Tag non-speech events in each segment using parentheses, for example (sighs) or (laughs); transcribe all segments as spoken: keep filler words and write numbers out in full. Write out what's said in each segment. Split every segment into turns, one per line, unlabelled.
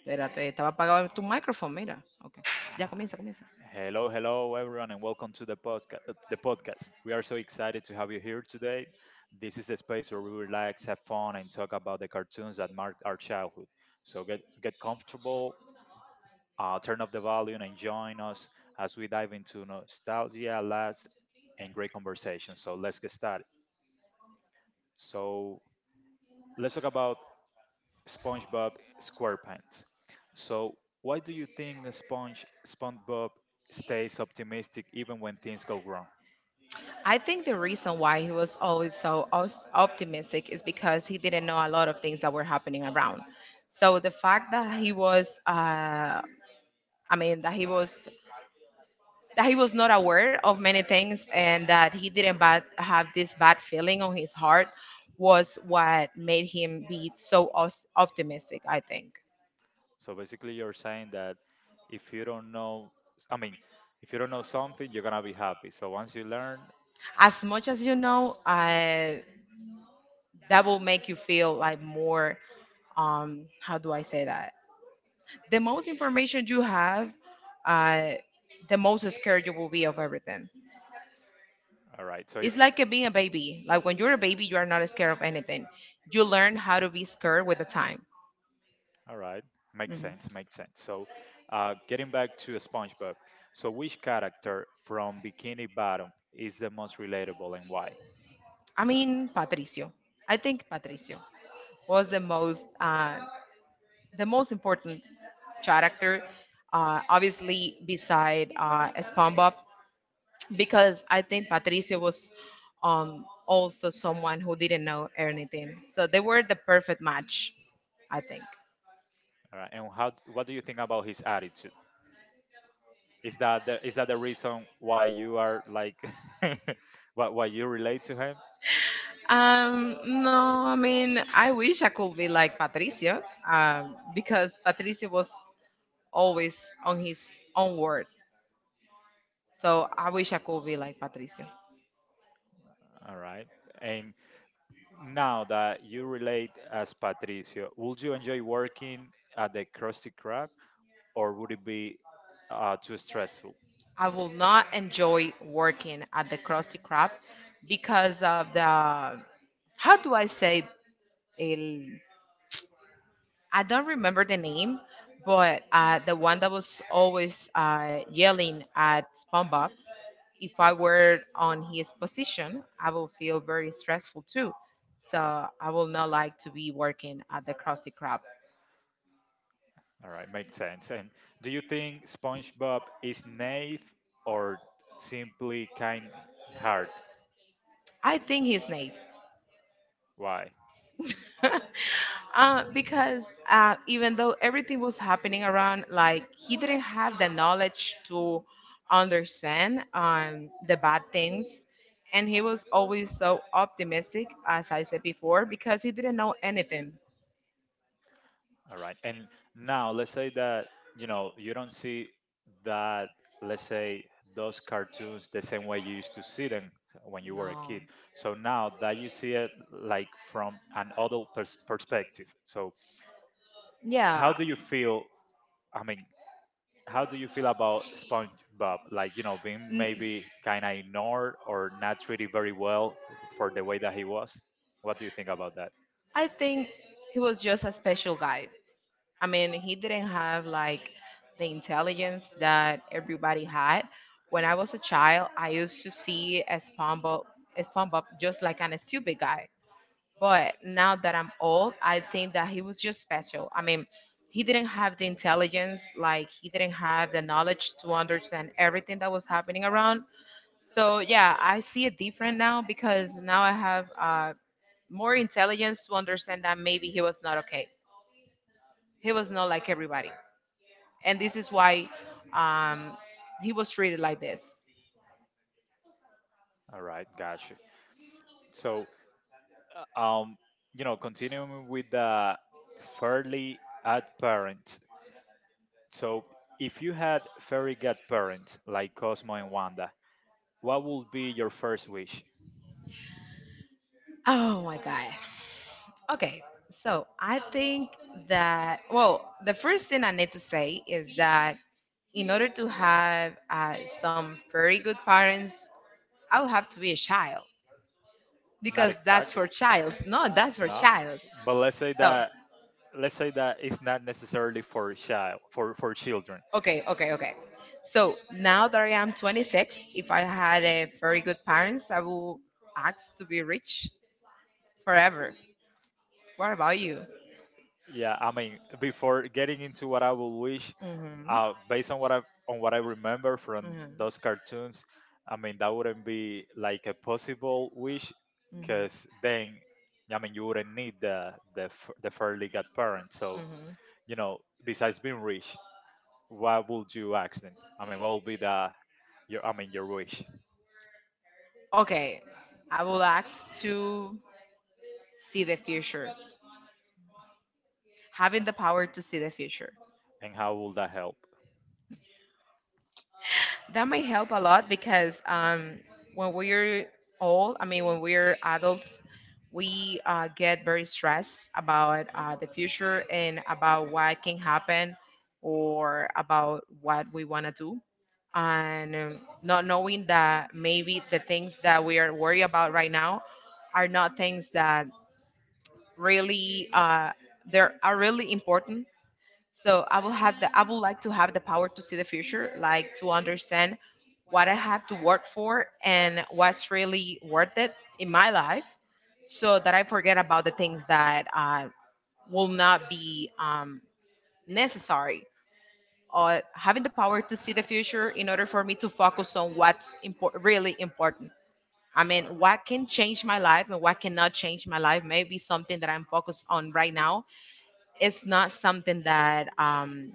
Espérate, estaba apagado tu micrófono, mira. Okay. Ya
Ah,
comienza, comienza.
hello, hello, everyone, and welcome to the podcast. The podcast. We are so excited to have you here today. This is the space where we relax, have fun, and talk about the cartoons that marked our childhood. So get get comfortable, uh, turn up the volume, and join us as we dive into nostalgia, laughs, and great conversation. So let's get started. So let's talk about SpongeBob SquarePants. So why do you think Sponge SpongeBob stays optimistic even when things go wrong?
I think the reason why he was always so os- optimistic is because he didn't know a lot of things that were happening around. So the fact that he was, uh, I mean, that he was that he was not aware of many things and that he didn't bad, have this bad feeling on his heart was what made him be so os- optimistic, I think.
So basically, you're saying that if you don't know, I mean, if you don't know something, you're gonna be happy. So once you learn,
As much as you know, uh, that will make you feel like more, um how do I say that, the most information you have, uh the most scared you will be of everything.
all right. So
It's
it's
like a, being a baby. Like when you're a baby, you are not scared of anything. You learn how to be scared with the time.
all right. Makes
Hmm.
sense. Makes sense. So, uh, getting back to SpongeBob. So which character from Bikini Bottom is the most relatable and why?
I mean, patricio I think Patricio was the most, uh the most important character, uh obviously beside uh SpongeBob. Because I think Patricio was, um, also someone who didn't know anything. So they were the perfect match, I think.
All right. And how? d- What do you think about his attitude? Is that the, is that the reason why you are like, (laughs) why why you relate to him?
Um, no, I mean, I wish I could be like Patricio, um, because Patricio was always on his own word. So I wish I could be like Patricio.
All right. And now that you relate as Patricio, would you enjoy working at the Krusty Krab, or would it be uh, too stressful?
I will not enjoy working at the Krusty Krab because of the, how do I say it? I don't remember the name, but uh, the one that was always uh, yelling at SpongeBob. If I were on his position, I will feel very stressful too. So I will not like to be working at the Krusty Krab.
All right, makes sense. And do you think SpongeBob is naive or simply kind hearted?
I think his name.
Why?
(laughs) Uh, because uh, even though everything was happening around, like he didn't have the knowledge to understand, um, the bad things. And he was always so optimistic, as I said before, because he didn't know anything.
All right. And now let's say that, you know, you don't see that, let's say, those cartoons the same way you used to see them when you were a
No.
kid. So now that you see it like from an adult pers- perspective. So
Yeah.
how do you feel? I mean, how do you feel about SpongeBob? Like, you know, being
N-
maybe kind of ignored or not treated very well f- for the way that he was? What do you think about that?
I think he was just a special guy. I mean, he didn't have like the intelligence that everybody had. When I was a child, I used to see a SpongeBob, a SpongeBob just like an stupid guy. But now that I'm old, I think that he was just special. I mean, he didn't have the intelligence, like he didn't have the knowledge to understand everything that was happening around. So yeah, I see it different now because now I have, uh, more intelligence to understand that maybe he was not okay. He was not like everybody, and this is why, um, he was treated like this.
All right. Gotcha. So uh, um, you know, continuing with the fairly odd parents. So, if you had fairy godparents like Cosmo and Wanda, what would be your first wish?
Oh my God. Okay, so I think that, well, the first thing I need to say is that in order to have, uh, some very good parents, I will have to be a child
Not
because that's
exactly,
for childs. No, that's for
no.
childs.
But let's say
So,
that let's say that it's not necessarily for child for for children.
okay, okay, okay. So now that I am twenty-six, if I had a very good parents, I will ask to be rich forever. What about you?
Yeah, I mean, before getting into what I will wish,
Mm-hmm.
uh, based on what I on what I remember from
Mm-hmm.
those cartoons, I mean that wouldn't be like a possible wish,
Mm-hmm.
because then, I mean, you wouldn't need the the f- the fairly godparent. So
Hmm.
you know, besides being rich, what would you ask them? I mean, what would be the your I mean your wish,
Okay, I will ask to see the future, having the power to see the future.
and how will that help?
That may help a lot because, um, when we're old, I mean, when we're adults, we, uh, get very stressed about, uh, the future and about what can happen or about what we want to do. And, um, not knowing that maybe the things that we are worried about right now are not things that really uh, they are really important. So I will have the I would like to have the power to see the future, like to understand what I have to work for and what's really worth it in my life, so that I forget about the things that, uh, will not be, um, necessary. Or having the power to see the future in order for me to focus on what's impor- really important. I
All right.
mean, what can change my life and what cannot change my life. Maybe something that I'm focused on right now is not something that, um,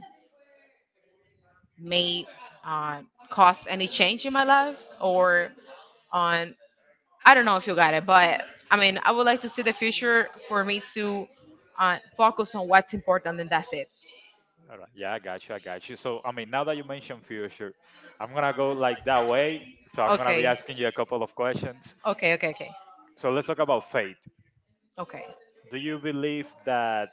may, uh, cause any change in my life, or on, I don't know if you got it, but I mean I would like to see the future for me to, uh, focus on what's important and that's it.
All right. Yeah, I got you. I got you. So, I mean, now that you mentioned future, I'm going to go like that way. So, I'm going to be
Okay.
asking you a couple of questions.
Okay, okay, okay.
So, let's talk about fate.
Okay.
Do you believe that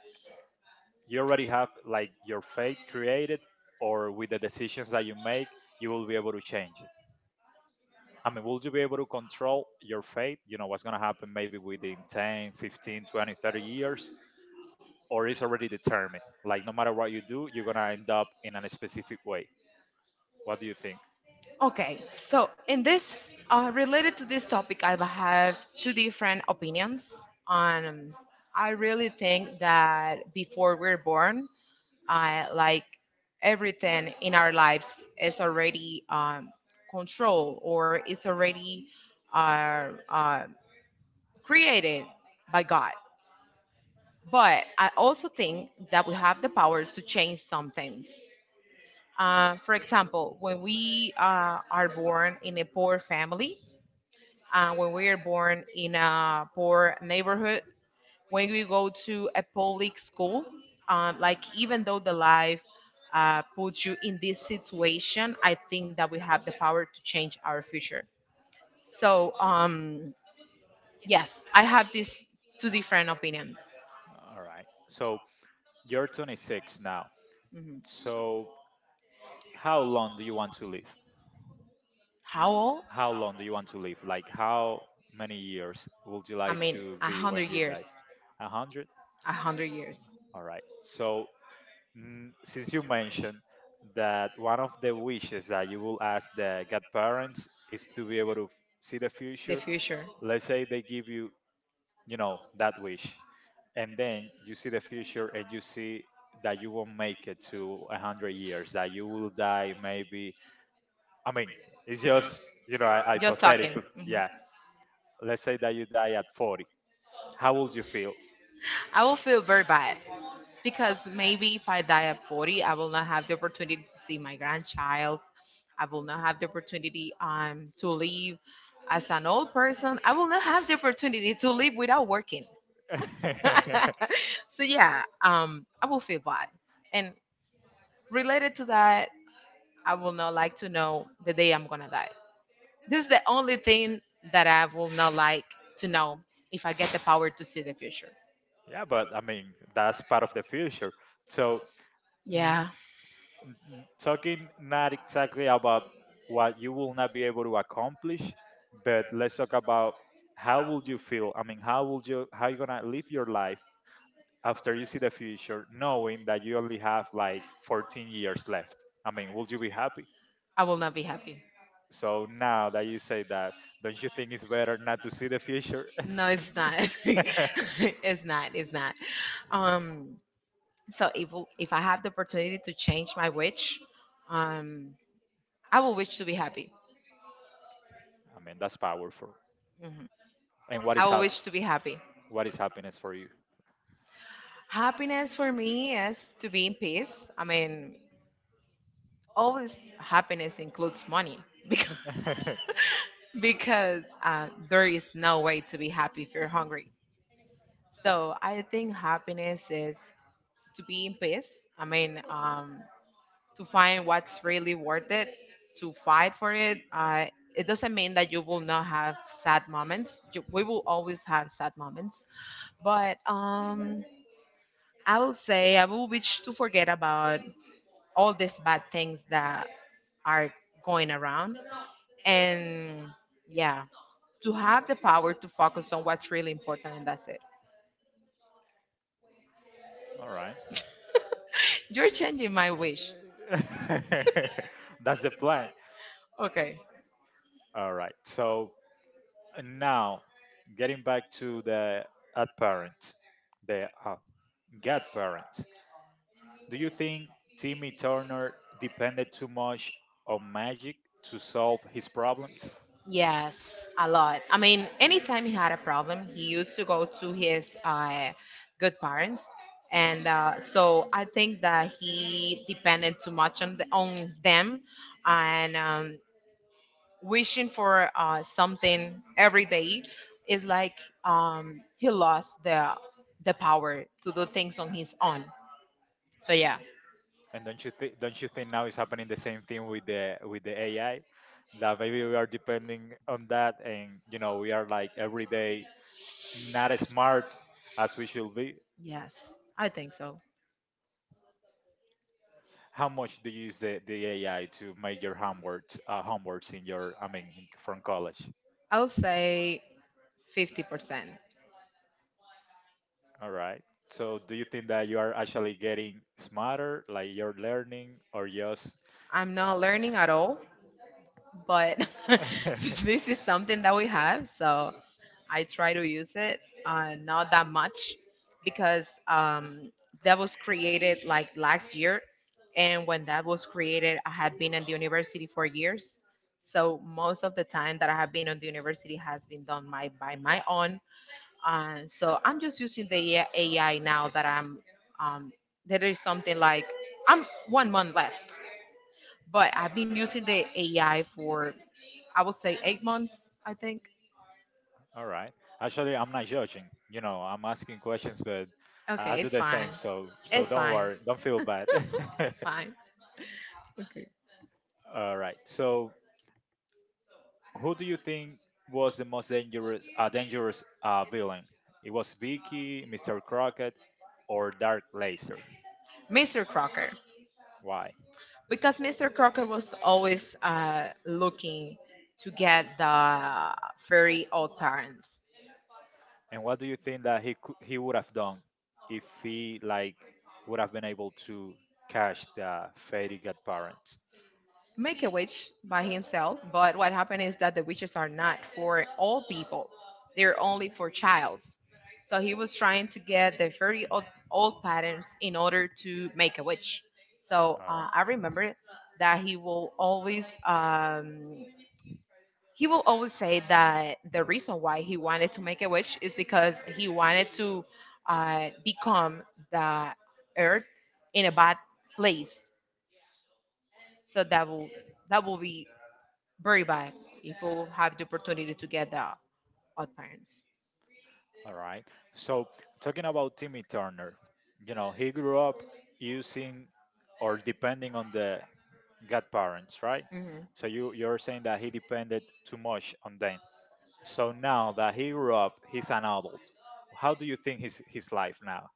you already have like your fate created, or with the decisions that you make, you will be able to change it? I mean, will you be able to control your fate? You know, what's going to happen maybe within ten, fifteen, twenty, thirty years, or is already determined? Like, no matter what you do, you're going to end up in a specific way. What do you think?
Okay, so in this, uh, related to this topic, I have two different opinions. On, I really think that before we're born, uh, like everything in our lives is already, um, controlled or is already uh, uh, created by God. But I also think that we have the power to change some things. Uh, for example, when we, uh, are born in a poor family, uh, when we are born in a poor neighborhood, when we go to a public school, um, like even though the life, uh, puts you in this situation, I think that we have the power to change our future. So, um, yes, I have these two different opinions.
All right. So, you're twenty-six now.
Mhm.
So, how long do you want to live?
How old?
How long do you want to live? Like, how many years would you
I
like
mean,
to
a
be when
hundred
you
years.
die? A hundred?
A hundred years.
All right. So, mm, since you mentioned that one of the wishes that you will ask the godparents is to be able to f- see the
The
future,
future.
let's say they give you, you know, that wish, and then you see the future and you see that you won't make it to a hundred years, that you will die maybe, I mean, it's just, you know, I
Just talking.
hypothetical. Yeah. Let's say that you die at forty. How would you feel?
Mhm. I will feel very bad because maybe if I die at forty, I will not have the opportunity to see my grandchild. I will not have the opportunity, um, to live as an old person. I will not have the opportunity to live without working.
(laughs) Yeah,
(laughs) So yeah, um, I will feel bad. And related to that, I will not like to know the day I'm gonna die. This is the only thing that I will not like to know if I get the power to see the future.
but I mean, that's part of the future. So, n-
Yeah,
n- talking not exactly about what you will not be able to accomplish, but let's talk about how would you feel? I mean, how would you how you going to live your life after you see the future knowing that you only have like fourteen years left? I mean, would you be happy?
I will not be happy.
So now that you say that, don't you think it's better not to see the future?
No,
(laughs)
it's not. (laughs)
I
It's not. It's not. Um, so if if I have the opportunity to change my wish, um, I will wish to be happy.
mean, that's powerful.
Mhm.
And what
I
is
will
hap-
wish to be happy.
what is happiness for you?
Happiness for me is to be in peace. I mean, always happiness includes money (laughs) because,
(laughs)
because uh, there is no way to be happy if you're hungry. So I think happiness is to be in peace. I mean, um, to find what's really worth it, to fight for it. Uh, it doesn't mean that you will not have sad moments. You, we will always have sad moments, but, um, I will say I will wish to forget about all these bad things that are going around, and yeah, to have the power to focus on what's really important and that's it.
All right.
You're changing my wish.
(laughs) That's the plan.
Okay.
All right. So now, getting back to the ad parent, the uh, god parent. Do you think Timmy Turner depended too much on magic to solve his problems?
Yes, a lot. I mean, anytime he had a problem, he used to go to his, uh, good parents, and uh, so I think that he depended too much on, the, on them, and, um, wishing for, uh, something every day is like, um, he lost the the power to do things on his own. So yeah.
And don't you think don't you think now is happening the same thing with the with the A I? That maybe we are depending on that and, you know, we are like every day not as smart as we should be.
Yes, I think so.
How much do you use the, the A I to make your homeworks, uh, homeworks in your, I mean, in, from college?
I'll say fifty percent.
All right. So do you think that you are actually getting smarter, like you're learning, or just
I'm not learning at all, but (laughs)
(laughs)
this is something that we have, so I try to use it, uh, not that much because, um, that was created like last year, and when that was created, I had been in the university for years. So most of the time that I have been on the university has been done my by my own. Uh, so I'm just using the A- AI now that I'm, um, that is something like I'm one month left, but I've been using the A I for I would say eight months, I think.
All right. Actually, I'm not judging. You know, I'm asking questions, but I I
Okay,
do
it's
the
fine.
same. So, so
It's
don't
fine.
worry. Don't feel
(laughs)
bad.
It's fine. Okay.
(laughs) All right. So, who do you think was the most dangerous, uh, dangerous uh, villain? It was Vicky, Mister Crockett, or Dark Laser.
mister Crocker,
Why?
because mister Crocker was always, uh, looking to get the very old parents.
And what do you think that he cou- he would have done if he, like, would have been able to catch the fairy godparents?
Make a witch by himself. But what happened is that the witches are not for all people; they're only for childs. So he was trying to get the very old, old patterns in order to make a witch. So,
All
uh,
right.
I remember that he will always um, he will always say that the reason why he wanted to make a witch is because he wanted to, uh, become the earth in a bad place. So that will that will be very bad if we'll have the opportunity to get the odd parents.
All right. So, talking about Timmy Turner, you know, he grew up using or depending on the godparents, right?
Mhm.
So you you're saying that he depended too much on them. So now that he grew up, he's an adult. How do you think his his life now?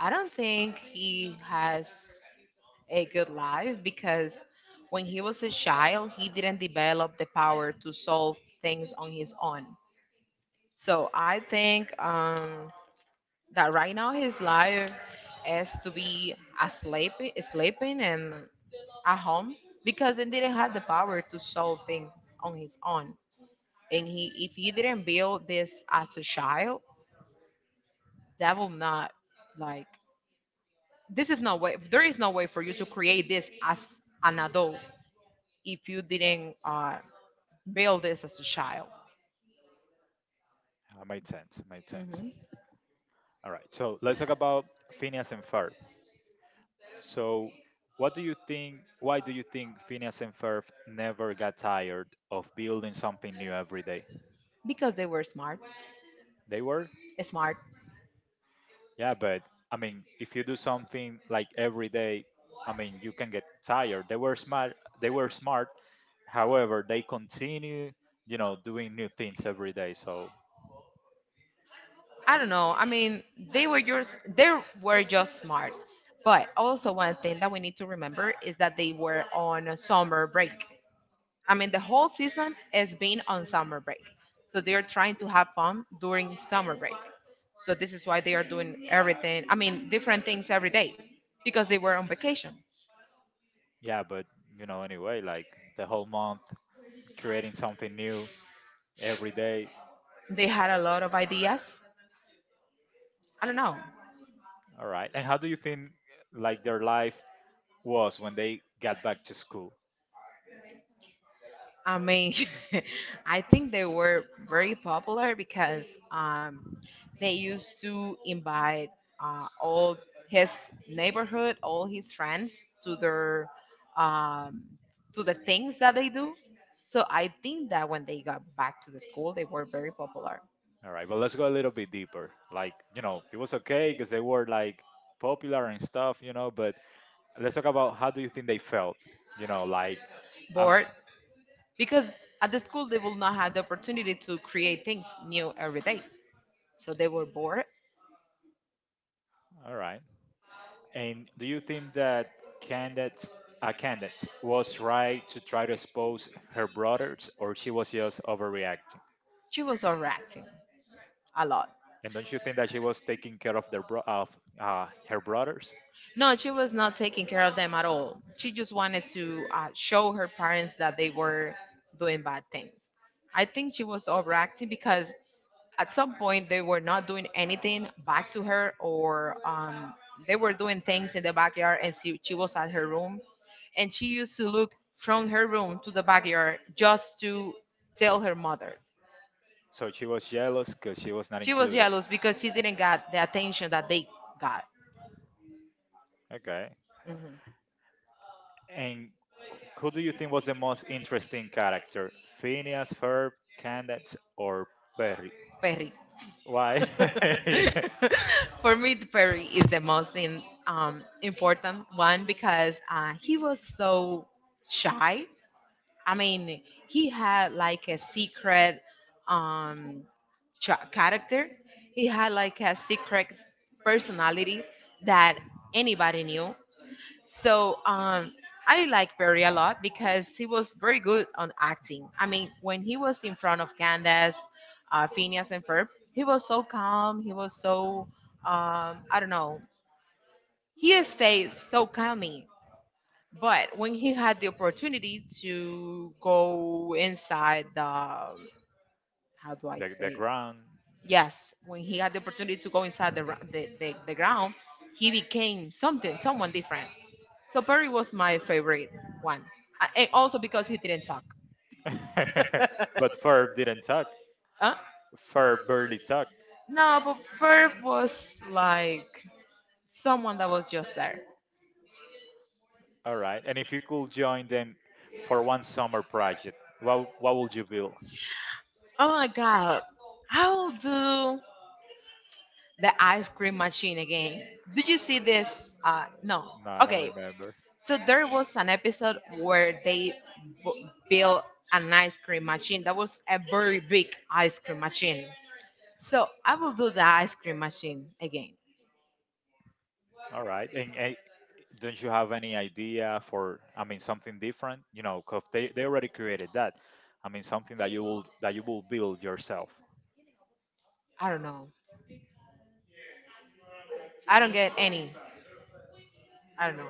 I don't think he has a good life because when he was a child, he didn't develop the power to solve things on his own. So I think, um, that right now his life is to be asleep, sleeping and at home because he didn't have the power to solve things on his own. And he if he didn't build this as a child, that will not, like, this is no way there is no way for you to create this as an adult if you didn't, uh, build this as a child.
Uh, made sense. Made sense.
Hmm.
All right. So let's talk about Phineas and Ferb. So what do you think? Why do you think Phineas and Ferb never got tired of building something new every day?
Because they were smart.
They were.
Smart.
Yeah, but I mean, if you do something like every day, I mean, you can get tired. They were smart. They were smart. However, they continue, you know, doing new things every day. So
I don't know, I mean, they were just they were just smart. But also one thing that we need to remember is that they were on a summer break. I mean, the whole season has been on summer break. So they are trying to have fun during summer break. So this is why they are doing everything, I mean, different things every day because they were on vacation.
yeah, but you know, anyway, like the whole month creating something new every day.
They had a lot of ideas. I don't know.
All right. And how do you think like their life was when they got back to school?
I mean, (laughs) I think they were very popular because um, they used to invite uh, all his neighborhood, all his friends to their um, to the things that they do. So I think that when they got back to the school, they were very popular.
All right. But let's go a little bit deeper. Like, you know, it was okay because they were like popular and stuff, you know, but let's talk about how do you think they felt, you know like, um
Bored because at the school they will not have the opportunity to create things new every day, so they were bored.
all right. And do you think that candace uh, candace was right to try to expose her brothers, or she was just overreacting?
She was overacting a lot.
And don't you think that she was taking care of their bro- of uh, her brothers?
No, she was not taking care of them at all. She just wanted to uh, show her parents that they were doing bad things. I think she was overacting because at some point they were not doing anything back to her, or um, they were doing things in the backyard, and she, she was at her room. And she used to look from her room to the backyard just to tell her mother.
So she was jealous because she was not
She was
included.
jealous because she didn't get the attention that they got.
Okay.
Mhm.
And who do you think was the most interesting character? Phineas, Ferb, Candace, or Perry?
Perry.
Why? (laughs)
(laughs) For me, Perry is the most in, um, important one because uh, he was so shy. I mean, he had like a secret um, ch- character. He had like a secret personality that anybody knew. So um, I like Barry a lot because he was very good on acting. I mean, when he was in front of Candace, uh, Phineas, and Ferb, he was so calm. He was so, um, I don't know, he stayed so calming. But when he had the opportunity to go inside the, how do I
the,
say,
the ground.
Yes, when he had the opportunity to go inside the, gra- the, the, the ground, he became something, someone different. So Perry was my favorite one. Uh, And also because he didn't talk.
(laughs) but Ferb didn't talk.
Huh?
Ferb barely talked.
No, but Ferb was like someone that was just there.
All right. And if you could join them for one summer project, what what would you build?
Oh my God, I'll do the ice cream machine again. Did you see this? Uh, no.
No, I don't
Okay,
remember.
so there was an episode where they b- built an ice cream machine. That was a very big ice cream machine. So I will do the ice cream machine again.
All right. And, and don't you have any idea for? I mean, something different. You know, 'cause they they already created that. I mean, something that you will that you will build yourself.
I don't know. I don't get any. I don't know.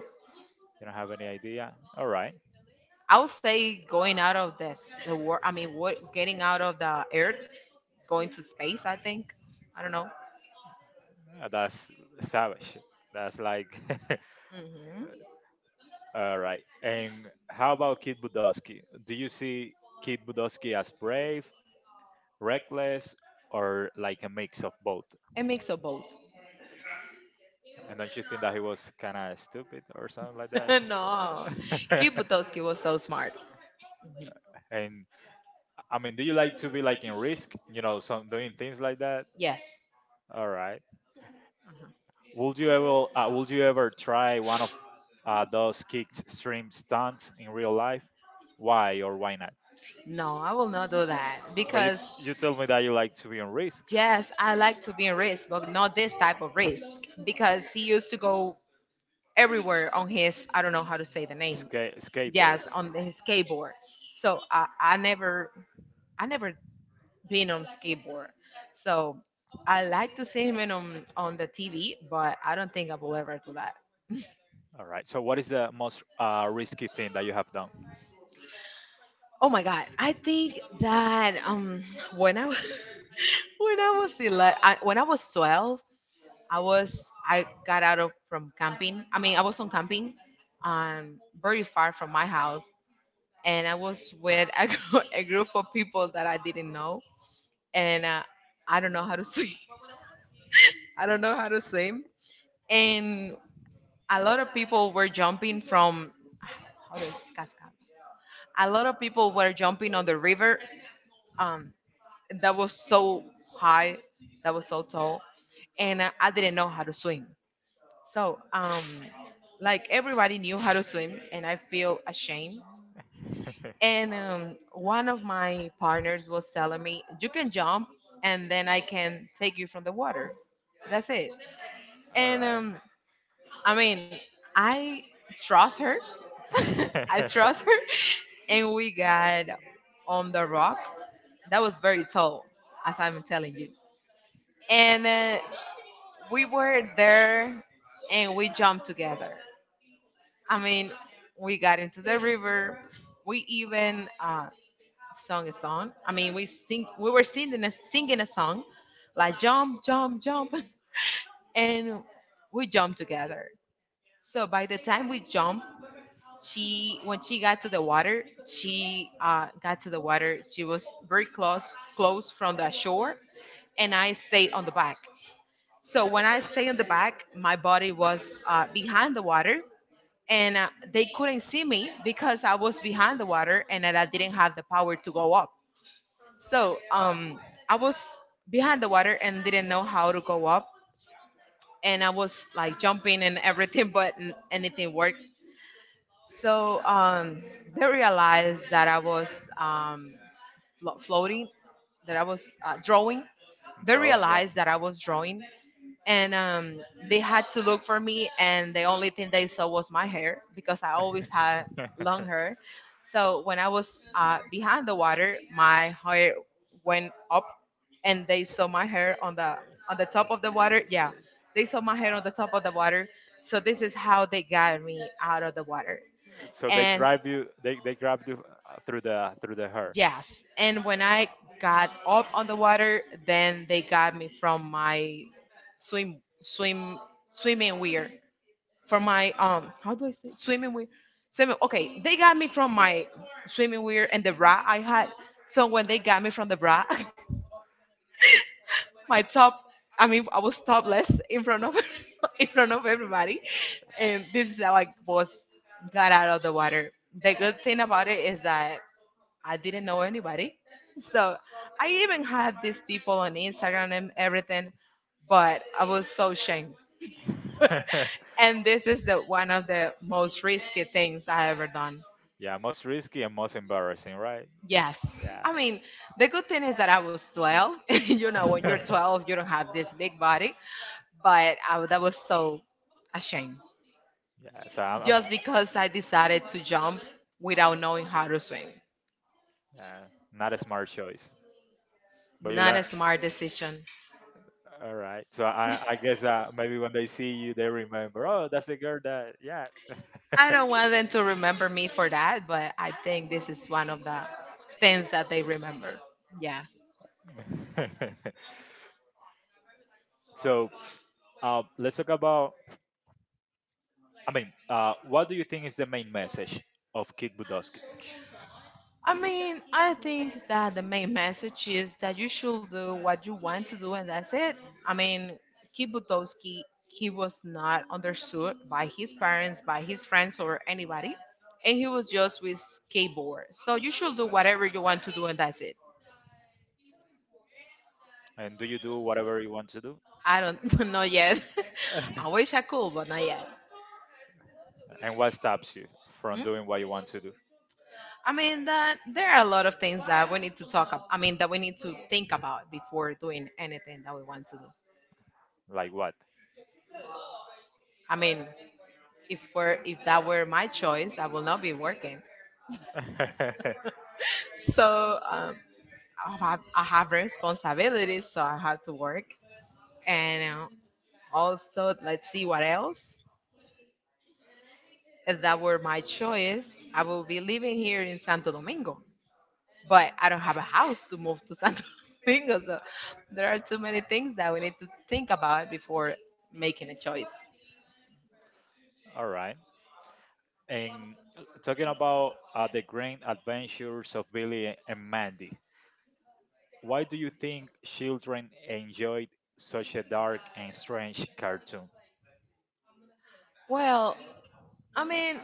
You don't have any idea. All right.
I would say going out of this, the war. I mean, what getting out of the earth, going to space. I think. I don't know.
Uh, That's savage. That's like
Hmm.
(laughs) All right. And how about Kid Budowski? Do you see Kid Budowski as brave, reckless, or like a mix of both?
A mix of both.
And don't you think that he was kind of stupid or something like that?
(laughs) No.
Uh,
Kibutowski was so smart.
(laughs) and I mean, do you like to be like in risk? You know, some doing things like that.
Yes.
All right. Would you ever, uh, would you ever try one of uh, those kick stream stunts in real life? Why or why not?
No, I will not do that
But you
because
you told me that you like to be on risk.
yes, I like to be in risk, but not this type of risk because he used to go everywhere on his, I don't know how to say the name.
Ska- skateboard.
Yes, on the- his skateboard. So I, I never, I never been on skateboard. So I like to see him in on, on the T V, but I don't think I will ever do that.
All right. So what is the most uh, risky thing that you have done?
Oh my God, I think that um when I was (laughs) when I was eleven, I, when I was twelve, I was I got out of from camping. I mean, I was on camping, um, very far from my house, and I was with a, gr- (laughs) a group of people that I didn't know, and uh, I don't know how to swim. (laughs) I don't know how to swim, and a lot of people were jumping from. (sighs) How do you- cascada. A lot of people were jumping on the river. Um, that was so high, that was so tall, and uh, I didn't know how to swim. So, um, like everybody knew how to swim, and I feel ashamed.
(laughs)
And um, one of my partners was telling me, "You can jump, and then I can take you from the water. That's it."
All
And
right.
um, I mean, I trust her.
(laughs)
(laughs) I
Right.
trust her, and we got on the rock that was very tall, as I'm telling you. And uh, we were there, and we jumped together. I mean, we got into the river. We even uh, sung a song. I mean, we sing. We were singing a, singing a song, like jump, jump, jump, (laughs) and we jumped together. So by the time we jumped, she when she got to the water, she uh, got to the water. She was very close, close from the shore, and I stayed on the back. So when I stayed on the back, my body was uh, behind the water, and uh, they couldn't see me because I was behind the water and that I didn't have the power to go up. So um, I was behind the water and didn't know how to go up, and I was like jumping and everything, (laughs) but n- anything worked. So um, they realized that I was um, flo- floating, that I was uh, drawing.
I'm
They
drawing, yeah.
realized that I was drawing, and um, they had to look for me, and the only thing they saw was my hair because I always had long hair. So when I was uh, behind the water, my hair went up, and they saw my hair on the on the top of the water. Yeah, they saw my hair on the top of the water. So this is how they got me out of the water.
(laughs) So they
And
grab you. They they grab you, uh, through the through the hair.
yes, and when I got up on the water, then they got me from my swim swim swimming weir, for my um how do I say, swimming wear, swimming. Okay, they got me from my swimming wear and the bra I had. So when they got me from the bra, (laughs) my top, I mean, I was topless in front of (laughs) in front of everybody, and this is how I was got out of the water. The good thing about it is that I didn't know anybody. So I even had these people on Instagram and everything, but I was so ashamed. (laughs) And this is the one of the most risky things I ever done.
(laughs) Yeah, most risky and most embarrassing, right?
Yes.
Yeah.
I mean, the good thing is that I was twelve. (laughs) You know, when you're twelve,
(laughs)
you don't have this big body, but I, that was so ashamed.
Yeah, so I'm, I'm
Just because I decided to jump without knowing how to swim.
uh, not a smart choice, but you
Not
learn.
a smart decision.
All right. So I, I guess, uh, maybe when they see you, they remember. Oh, that's the girl that. Yeah.
I don't want them to remember me for that, but I think this is one of the things that they remember. Yeah.
(laughs) So uh, let's talk about. I mean, uh, what do you think is the main message of Kid Budoski?
I mean, I think that the main message is that you should do what you want to do, and that's it. I mean, Kibutowski, he was not understood by his parents, by his friends, or anybody, and he was just with skateboard. So you should do whatever you want to do, and that's it.
And do you do whatever you want to do?
I don't (laughs) know yet. (laughs) I wish I could, but not yet.
(laughs) And what stops you from
Mm?
doing what you want to do?
I mean that there are a lot of things that we need to talk about. I mean that we need to think about before doing anything that we want to do.
Like what?
I mean, if were if that were my choice, I will not be working. So um, I have I have responsibilities, so I have to work. And uh, also, let's see what else. If that were my choice, I will be living here in Santo Domingo. But I don't have a house to move to Santo (laughs) Domingo, so there are too many things that we need to think about before making a choice.
(laughs) All right. And uh, talking about uh, the grand adventures of Billy and Mandy, why do you think children enjoyed such a dark and strange cartoon?
Well, I mean,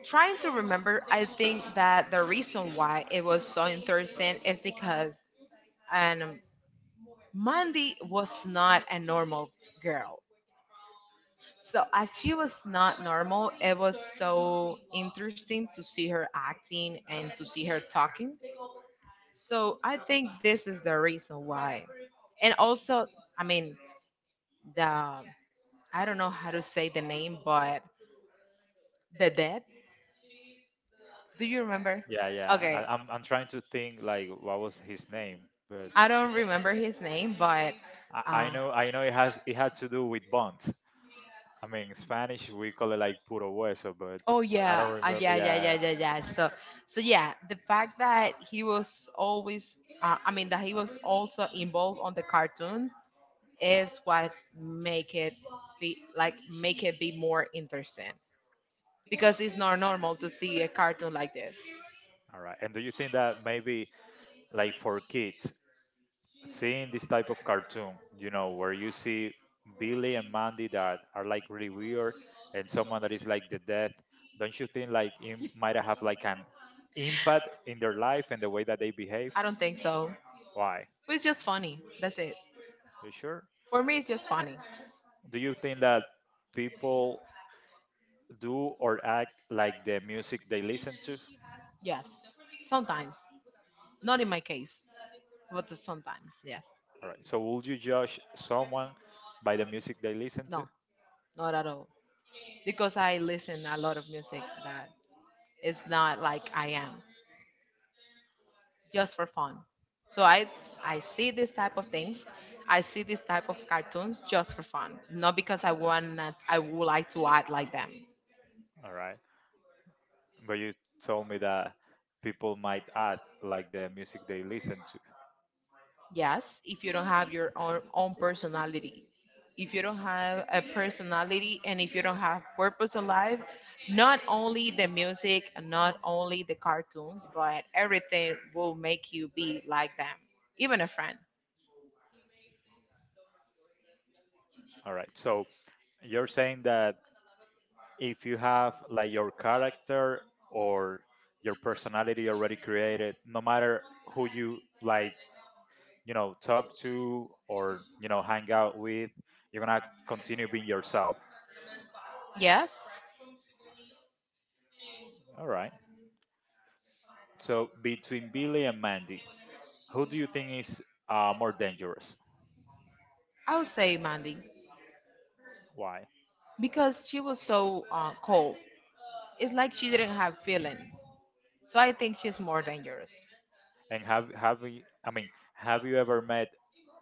trying to remember, I think that the reason why it was so interesting is because and um, Mandy was not a normal girl. So as she was not normal, it was so interesting to see her acting and to see her talking. So I think this is the reason why. And also, I mean, the I don't know how to say the name, but the dead. Do you remember?
Yeah, yeah. I,
Okay,
I'm I'm trying to think like what was his name, but
I don't remember his name, but
I, I
uh,
know I know it has it had to do with bonds. I mean, in Spanish we call it like puro hueso, but
oh
I
yeah,
don't
uh,
remember.
yeah, yeah, yeah,
Yeah.
yeah, yeah. So, so yeah, the fact that he was always, uh, I mean, that he was also involved on the cartoons is what make it be like make it be more interesting
Uh,
because it's not normal to see a cartoon like this.
All right. And do you think that maybe like for kids seeing this type of cartoon, you know, where you see Billy and Mandy that are like really weird and someone that is like the death, don't you think like it might have like an impact in their life and the way that they behave?
Think so.
Why?
It's just funny. That's it.
You sure?
For me, it's just funny.
Do you think that people do or act like the music they listen to?
Yes. Sometimes. Not in my case, but sometimes, yes.
All right. So would you judge someone by the music they listen to?
No, not at all. Because I listen a lot of music that is not like I am. Just for fun. So I I see this type of things. I see this type of cartoons just for fun, not because I want to- I would like to act like them.
All right. But you told me that people might act like the music they listen to.
Yes, if you don't have your own, own personality, if you don't have a personality and if you don't have purpose in life, not only the music, not only the cartoons, but everything will make you be like them, even a friend.
All right. So you're saying that if you have like your character or your personality already created, no matter who you like, you know, talk to or, you know, hang out with, you're going to continue being yourself.
Yes,
All right. So between Billy and Mandy, who do you think is uh, more dangerous?
I would say Mandy
Why?
because she was so uh, cold. It's like she didn't have feelings. So I think she's more dangerous.
And have have we, I mean, have you ever met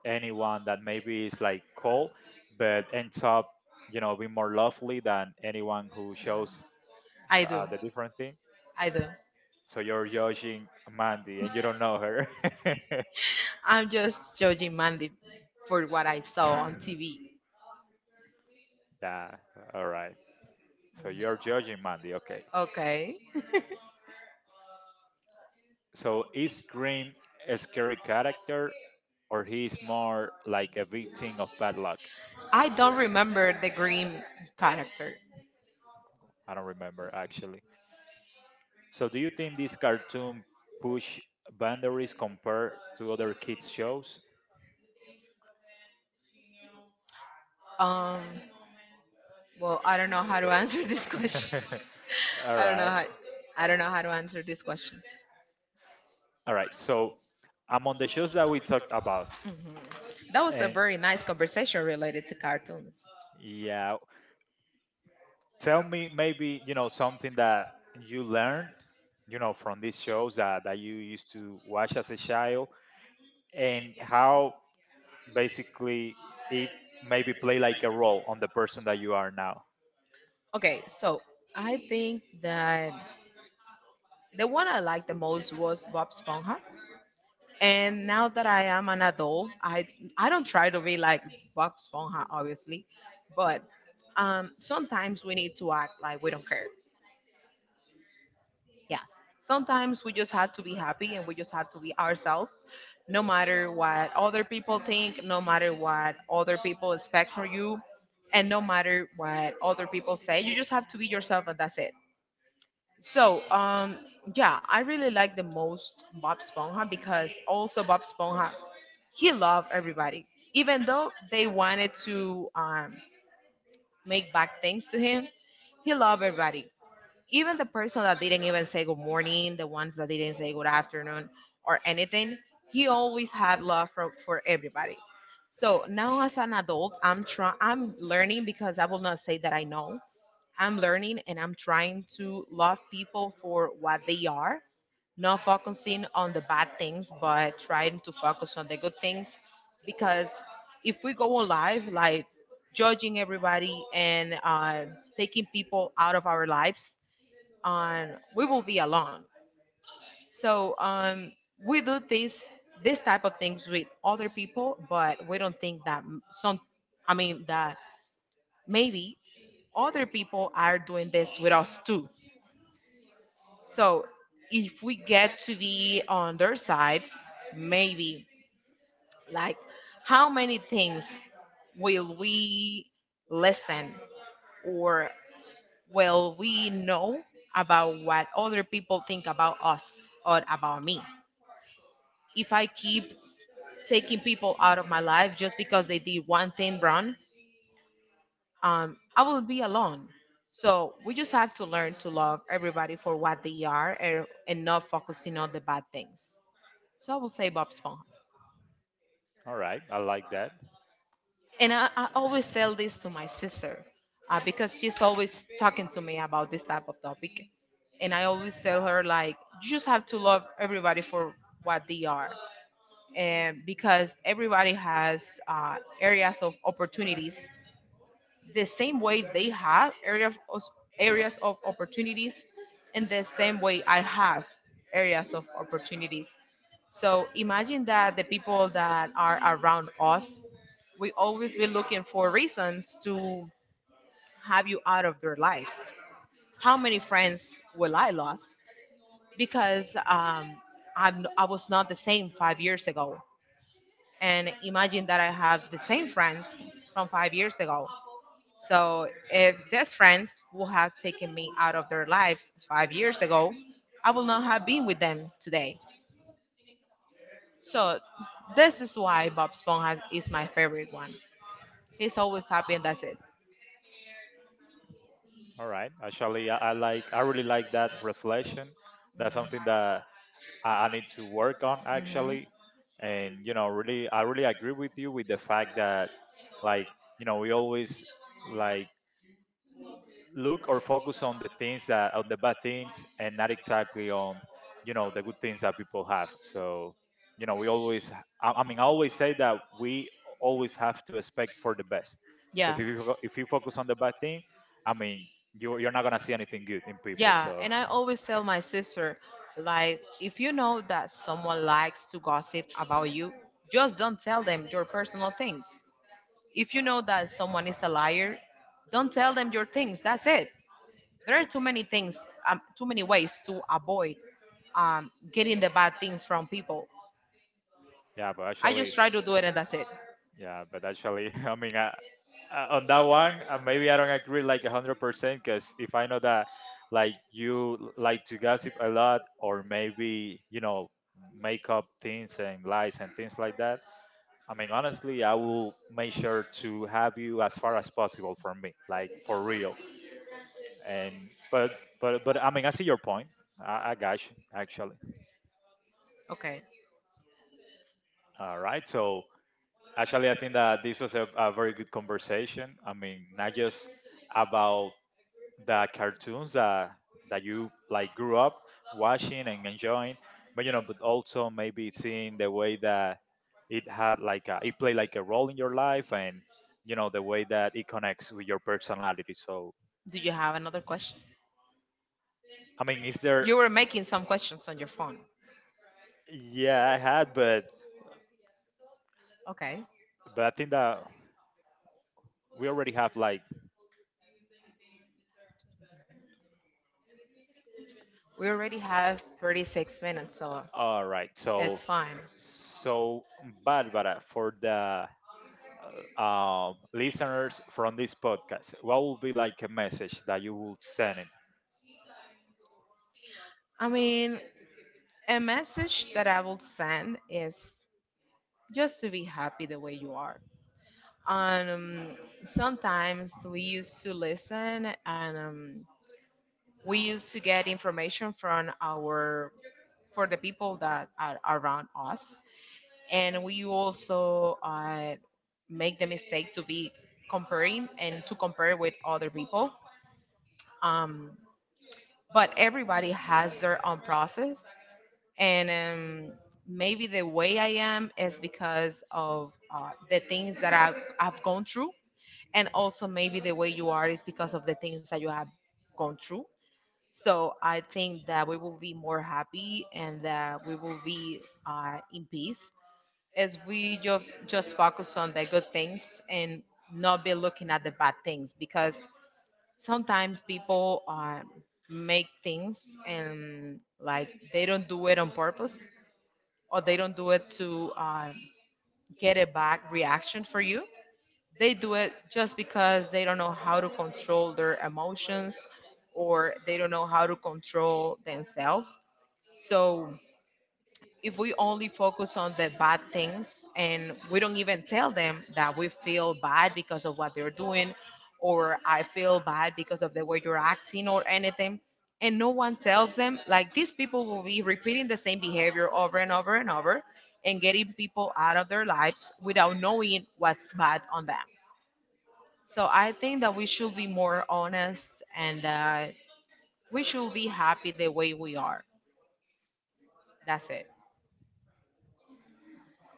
anyone that maybe is like cold but ends up you know be more lovely than anyone who shows
I
the,
do.
uh, the different thing.
I do.
So you're judging Mandy and you don't know her.
I'm just judging Mandy for what I saw on T V.
(laughs) Yeah, all right. So you're
Mhm.
judging Mandy, okay.
Okay. (laughs)
So is Grim a scary character or he's more like a victim of bad luck?
I don't remember the green character.
I don't remember actually. So do you think this cartoon push boundaries compared to other kids shows?
Um. Well, I don't know how to (laughs) answer this question.
(laughs)
(laughs)
All
I don't know
right.
how. I don't know how to answer this question.
All right. So among the shows that we talked about,
Mhm. That was a
and
very nice conversation related to cartoons.
yeah, tell me maybe, you know, something that you learned, you know, from these shows that, that you used to watch as a child and how basically it maybe play like a role on the person that you are now.
Okay, so I think that the one I liked the most was Bob Esponja. And now that I am an adult, I I don't try to be like Bob Esponja, obviously, but um, sometimes we need to act like we don't care. Yes, sometimes we just have to be happy and we just have to be ourselves, no matter what other people think, no matter what other people expect from you, and no matter what other people say. You just have to be yourself, and that's it. So, um, yeah, I really like the most Bob Sponha, because also Bob Sponha, he loved everybody. Even though they wanted to um, make bad things to him, he loved everybody. Even the person that didn't even say good morning, the ones that didn't say good afternoon or anything, he always had love for, for everybody. So now as an adult, I'm trying, I'm learning, because I will not say that I know. I'm learning and I'm trying to love people for what they are, not focusing on the bad things, but trying to focus on the good things. Because if we go on live, like judging everybody and uh, taking people out of our lives, um, we will be alone. So um, we do this this type of things with other people, but we don't think that m- some. I mean that maybe other people are doing this with us too. So if we get to be on their sides, maybe, like, how many things will we listen or will we know about what other people think about us or about me? If I keep taking people out of my life just because they did one thing wrong, um, I will be alone. So we just have to learn to love everybody for what they are, and, and not focusing on the bad things. So I will say Bob Esponja.
All right, I like that.
And I, I always tell this to my sister uh, because she's always talking to me about this type of topic. And I always tell her, like, you just have to love everybody for what they are. And because everybody has uh, areas of opportunities the same way they have areas of, areas of opportunities, in the same way I have areas of opportunities. So imagine that the people that are around us, we always be looking for reasons to have you out of their lives. How many friends will I lost because um, I'm I was not the same five years ago. And imagine that I have the same friends from five years ago. So if these friends would have taken me out of their lives five years ago, I would not have been with them today. So this is why Bob Esponja is my favorite one. He's always happy and that's it.
All right, actually, I, I like, I really like that reflection. That's something that I, I need to work on
Hmm.
actually, and you know, really, I really agree with you with the fact that like, you know, we always like look or focus on the things that on the bad things and not exactly on, you know, the good things that people have. So, you know, we always I, I mean, I always say that we always have to expect for the best. Because
Yeah.
if you fo- if you focus on the bad thing, I mean, you you're not gonna see anything good in people.
Yeah,
So.
and I always tell my sister, like, if you know that someone likes to gossip about you, just don't tell them your personal things. If you know that someone is a liar, don't tell them your things. That's it. There are too many things, um, too many ways to avoid um, getting the bad things from people.
Yeah, but
I
actually,
just try to do it and that's it.
yeah, but actually, (laughs) I mean, uh, uh, on that one, uh, maybe I don't agree like one hundred percent because if I know that like you l- like to gossip a lot or maybe, you know, make up things and lies and things like that, I mean, honestly, I will make sure to have you as far as possible from me, like for real. And, but, but, but, I mean, I see your point. I, I got you, actually.
Okay.
All right. So, actually, I think that this was a, a very good conversation. I mean, not just about the cartoons that that you like grew up watching and enjoying, but you know, but also maybe seeing the way that it had like a, it played like a role in your life, and you know, the way that it connects with your personality. So,
Do you have another question?
I mean, is there?
You were making some questions on your phone.
Yeah, I had, but
Okay.
but I think that we already have like
We already have thirty-six minutes, so
all right. So
it's fine.
so Barbara, for the uh, um, listeners from this podcast, what would be like a message that you would send it?
I mean, a message that I will send is just to be happy the way you are. Um, sometimes we used to listen and um, we used to get information from our for the people that are around us, and we also uh, make the mistake to be comparing and to compare with other people. Um, but everybody has their own process, and um, maybe the way I am is because of uh, the things that I've, I've gone through, and also maybe the way you are is because of the things that you have gone through. So I think that we will be more happy and that we will be uh, in peace as we just just focus on the good things and not be looking at the bad things, because sometimes people uh, make things and, like, they don't do it on purpose, or they don't do it to uh, get a bad reaction for you. They do it just because they don't know how to control their emotions or they don't know how to control themselves. So if we only focus on the bad things and we don't even tell them that we feel bad because of what they're doing, or I feel bad because of the way you're acting or anything, and no one tells them, like, these people will be repeating the same behavior over and over and over, and getting people out of their lives without knowing what's bad on them. So I think that we should be more honest, and that we should be happy the way we are. That's it.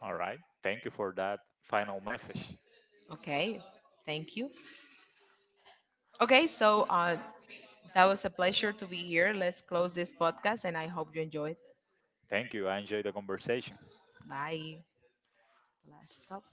All right. Thank you for that final message.
Okay. Thank you. Okay. So uh, that was a pleasure to be here. Let's close this podcast and I hope you enjoyed.
Thank you. I enjoyed the conversation.
Bye. Last stop.